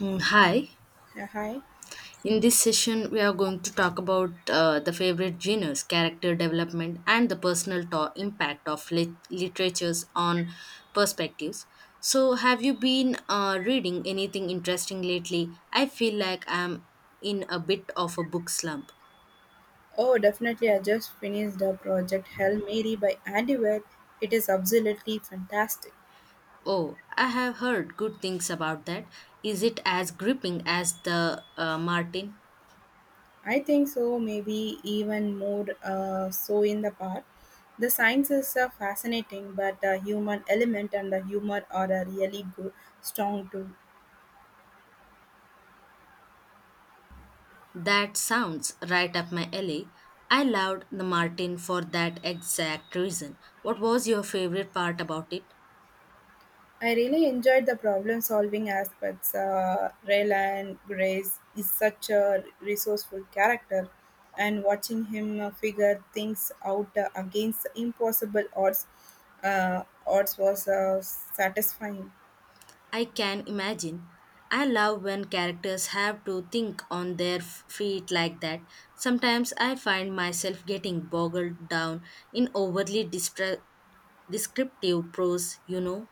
Hi. Yeah, hi. In this session, we are going to talk about the favorite genres, character development, and the personal impact of literatures on perspectives. So, have you been reading anything interesting lately? I feel like I'm in a bit of a book slump. Oh, definitely. I just finished the Project Hail Mary by Andy Weir. It is absolutely fantastic. Oh, I have heard good things about that. Is it as gripping as the Martin? I think so, maybe even more so in the part. The science is fascinating, but the human element and the humor are really good, strong too. That sounds right up my alley. I loved the Martin for that exact reason. What was your favorite part about it? I really enjoyed the problem solving aspects. Raylan Grace is such a resourceful character, and watching him figure things out against impossible odds, odds was satisfying. I can imagine. I love when characters have to think on their feet like that. Sometimes I find myself getting bogged down in overly descriptive prose.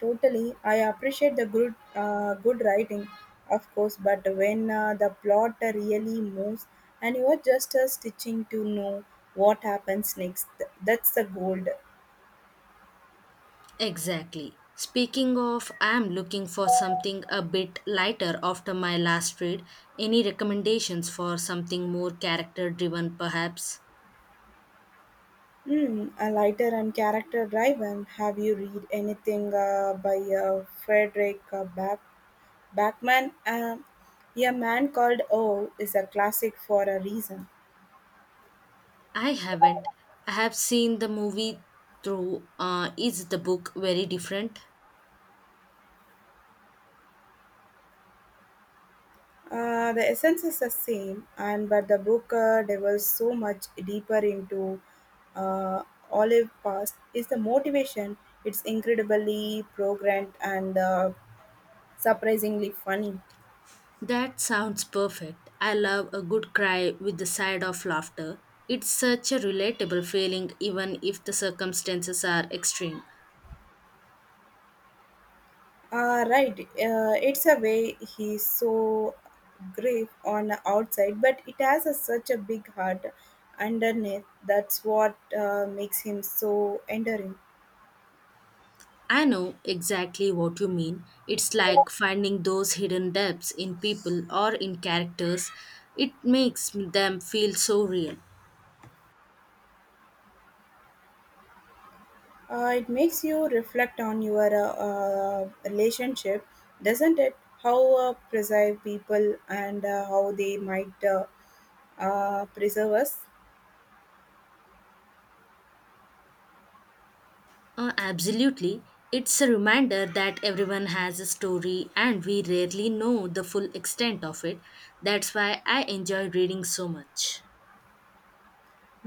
Totally, I appreciate the good writing, of course, but when the plot really moves and you are just stitching to know what happens next, that's the gold. Exactly. Speaking of, I am looking for something a bit lighter after my last read. Any recommendations for something more character driven, perhaps? Mm, a lighter and character driven. Have you read anything by Frederick Backman? A Man Called O is a classic for a reason. I haven't. I have seen the movie through. Is the book very different? The essence is the same, and but the book delves so much deeper into uh, Olive past is the motivation. It's incredibly programmed and surprisingly funny. That sounds perfect. I love a good cry with the side of laughter. It's such a relatable feeling, even if the circumstances are extreme. Ah, right. It's a way he's so grave on the outside, but it has a, such a big heart underneath. That's what makes him so endearing. I know exactly what you mean. It's like finding those hidden depths in people or in characters. It makes them feel so real. It makes you reflect on your relationship, doesn't it? How preserve people and how they might preserve us. Absolutely. It's a reminder that everyone has a story and we rarely know the full extent of it. That's why I enjoy reading so much.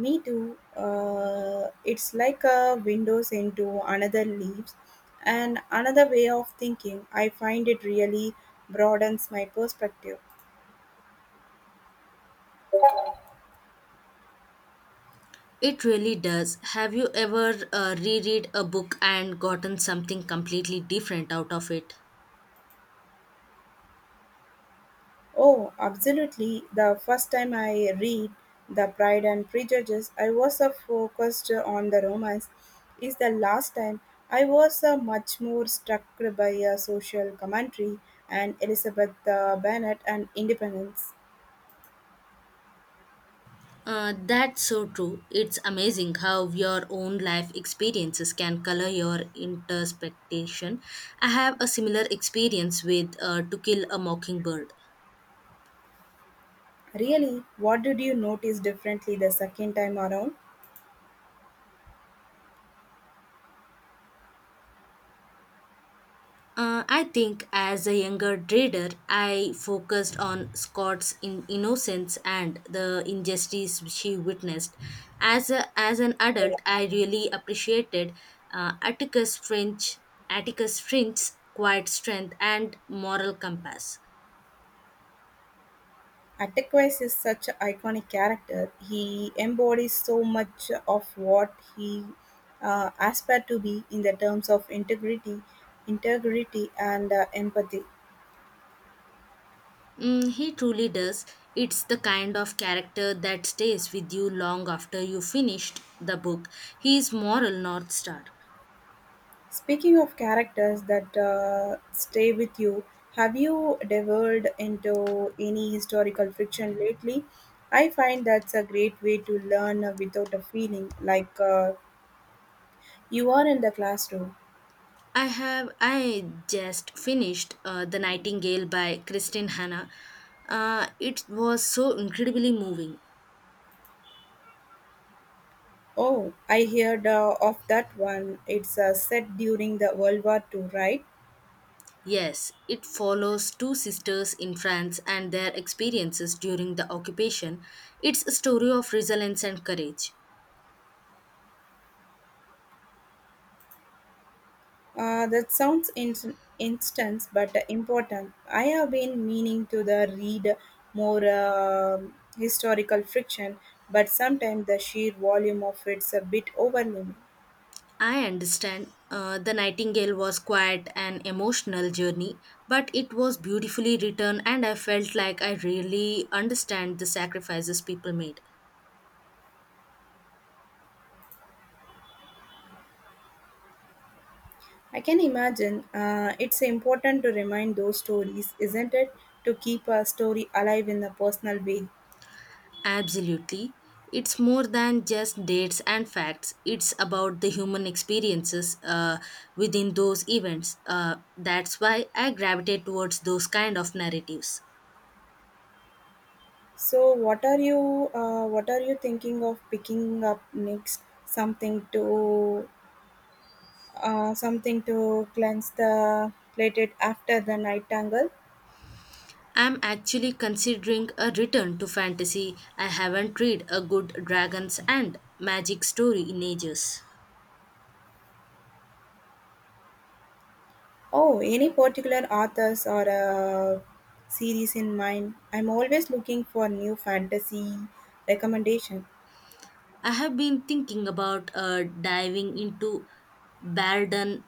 Me too. It's like a windows into another leaves and another way of thinking. I find it really broadens my perspective. It really does. Have you ever reread a book and gotten something completely different out of it? Oh, absolutely. The first time I read The Pride and Prejudice, I was focused on the romance. Is the last time I was much more struck by a social commentary and Elizabeth Bennet and independence. That's so true. It's amazing how your own life experiences can color your interpretation. I have a similar experience with To Kill a Mockingbird. Really, what did you notice differently the second time around? I think as a younger reader, I focused on Scott's innocence and the injustice she witnessed. As an adult, I really appreciated uh, Atticus Finch, Atticus Finch's quiet strength and moral compass. Atticus is such an iconic character. He embodies so much of what he aspired to be in the terms of integrity and empathy. He truly does. It's the kind of character that stays with you long after you finished the book. He moral north star. Speaking of characters that stay with you, have you devoured into any historical fiction lately? I find that's a great way to learn without a feeling like you are in the classroom. I just finished The Nightingale by Kristin Hanna. It was so incredibly moving. Oh, I heard of that one. It's set during the World War II, right? Yes, it follows two sisters in France and their experiences during the occupation. It's a story of resilience and courage. That sounds instance, but important. I have been meaning to the read more historical friction, but sometimes the sheer volume of it's a bit overwhelming. I understand. The Nightingale was quite an emotional journey, but it was beautifully written, and I felt like I really understand the sacrifices people made. I can imagine it's important to remind those stories, isn't it, to keep a story alive in a personal way. Absolutely. It's more than just dates and facts, it's about the human experiences within those events. That's why I gravitate towards those kind of narratives. So what are you thinking of picking up next? Something to cleanse the plate after the night tangle? I'm actually considering a return to fantasy. I haven't read a good dragons and magic story in ages. Oh, any particular authors or series in mind? I'm always looking for new fantasy recommendation. I have been thinking about diving into Barden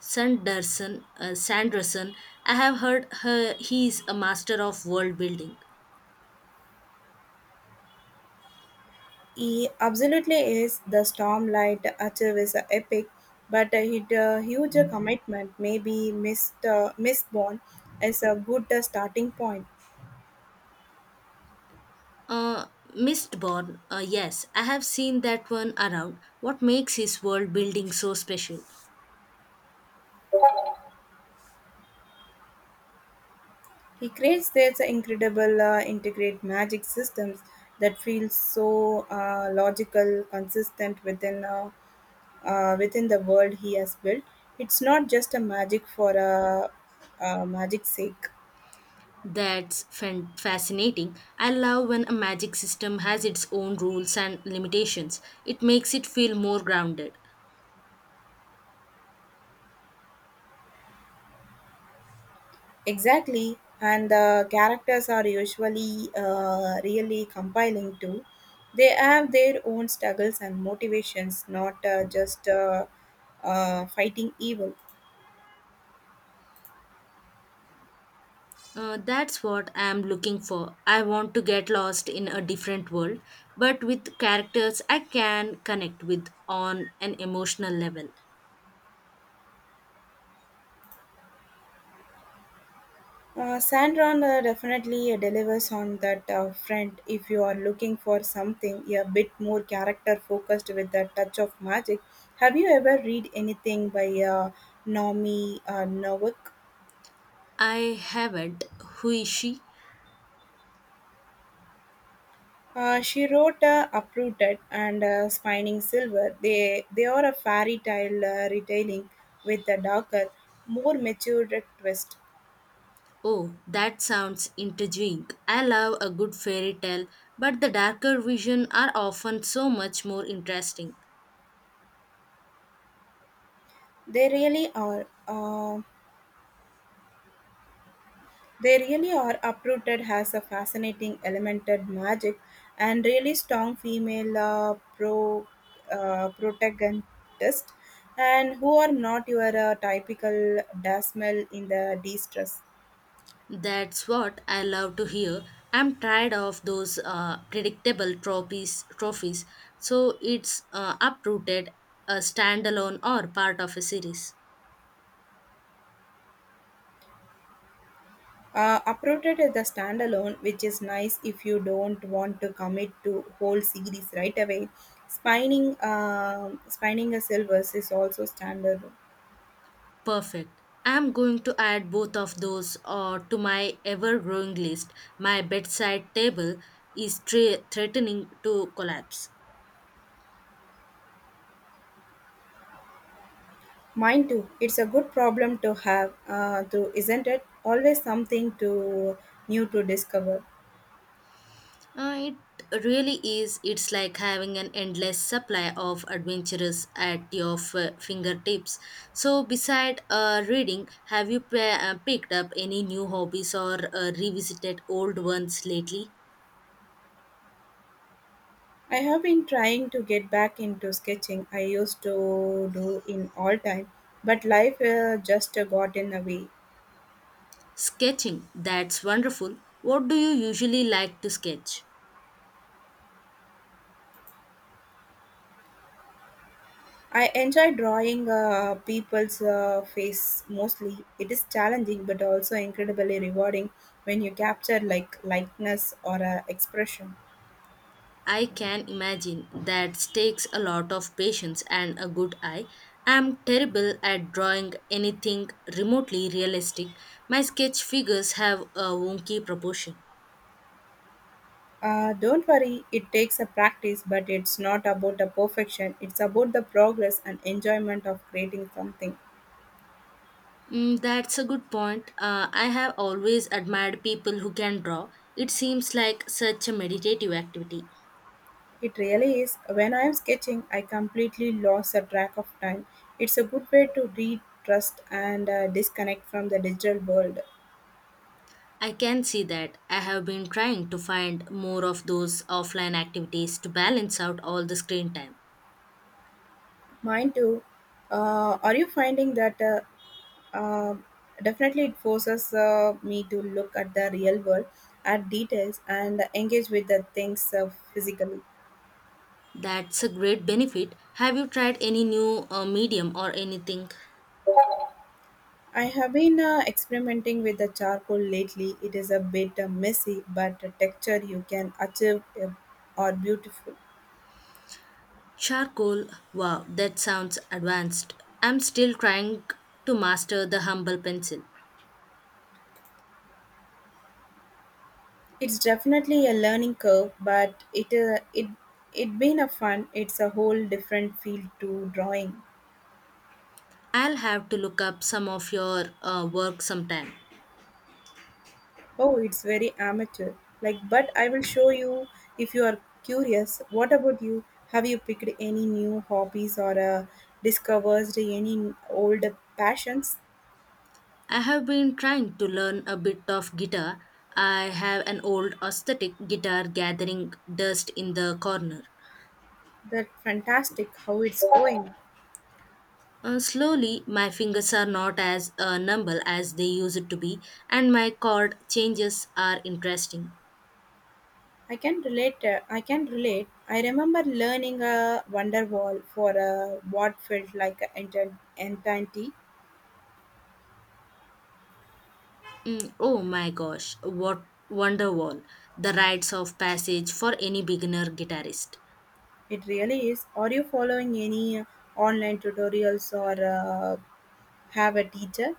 Sanderson. Sanderson. I have heard her, he is a master of world building. He absolutely is the Stormlight Archive is a epic, but it a huge commitment. Maybe Mr. Mistborn is a good starting point. Uh, Mistborn, yes, I have seen that one around. What makes his world building so special? He creates these incredible integrate magic systems that feel so logical, consistent within within the world he has built. It's not just a magic for a magic sake. That's fascinating. I love when a magic system has its own rules and limitations. It makes it feel more grounded. Exactly, and the characters are usually really compelling too. They have their own struggles and motivations, not just fighting evil. That's what I'm looking for. I want to get lost in a different world, but with characters I can connect with on an emotional level. Sandron definitely delivers on that front if you are looking for something a bit more character focused with a touch of magic. Have you ever read anything by Naomi Novik? I haven't. Who is she? She wrote Uprooted and Spining Silver. They are a fairy tale retelling with a darker, more matured twist. Oh, that sounds intriguing. I love a good fairy tale, but the darker vision are often so much more interesting. They really are. They really are. Uprooted has a fascinating elemented magic and really strong female protagonist, and who are not your typical dasmal in the distress. That's what I love to hear. I'm tired of those predictable trophies, so it's uprooted, a standalone or part of a series. Uprooted is the standalone, which is nice if you don't want to commit to whole series right away. Spining a silvers is also standard. Perfect. I'm going to add both of those to my ever-growing list. My bedside table is threatening to collapse. Mine too. It's a good problem to have, though, isn't it? Always something to new to discover. It really is. It's like having an endless supply of adventures at your fingertips. So, beside reading, have you picked up any new hobbies or revisited old ones lately? I have been trying to get back into sketching. I used to do in all time, but life just got in the way. Sketching, that's wonderful. What do you usually like to sketch? I enjoy drawing people's face mostly. It is challenging, but also incredibly rewarding when you capture like likeness or expression. I can imagine that takes a lot of patience and a good eye. I'm terrible at drawing anything remotely realistic. My sketch figures have a wonky proportion. Don't worry, it takes a practice, but it's not about the perfection. It's about the progress and enjoyment of creating something. That's a good point. I have always admired people who can draw. It seems like such a meditative activity. It really is. When I am sketching, I completely lost the track of time. It's a good way to read, trust, and disconnect from the digital world. I can see that. I have been trying to find more of those offline activities to balance out all the screen time. Mine too. Are you finding that uh, definitely it forces me to look at the real world, at details, and engage with the things physically? That's a great benefit. Have you tried any new medium or anything? I have been experimenting with the charcoal lately. It is a bit messy, but the texture you can achieve are beautiful. Charcoal? Wow, that sounds advanced. I'm still trying to master the humble pencil. It's definitely a learning curve, but it been a fun. It's a whole different field to drawing. I'll have to look up some of your work sometime. Oh, it's very amateur. Like, but I will show you if you are curious. What about you? Have you picked any new hobbies or discovered any old passions? I have been trying to learn a bit of guitar. I have an old aesthetic guitar gathering dust in the corner. That fantastic. How it's going. Slowly, my fingers are not as numb as they used to be, and my chord changes are interesting. I can relate. I remember learning a Wonderwall for a what felt like an entity. Oh my gosh, what Wonderwall, the rites of passage for any beginner guitarist. It really is. Are you following any online tutorials or have a teacher?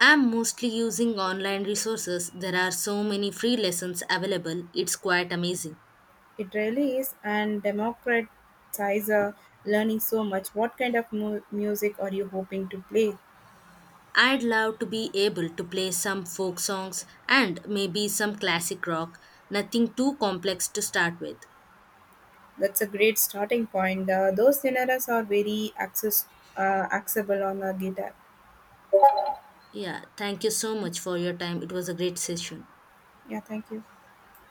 I'm mostly using online resources. There are so many free lessons available. It's quite amazing. It really is. And democratize learning so much. What kind of music are you hoping to play? I'd love to be able to play some folk songs and maybe some classic rock. Nothing too complex to start with. That's a great starting point. Those genres are very accessible on a guitar. Yeah, thank you so much for your time. It was a great session. Yeah. Thank you.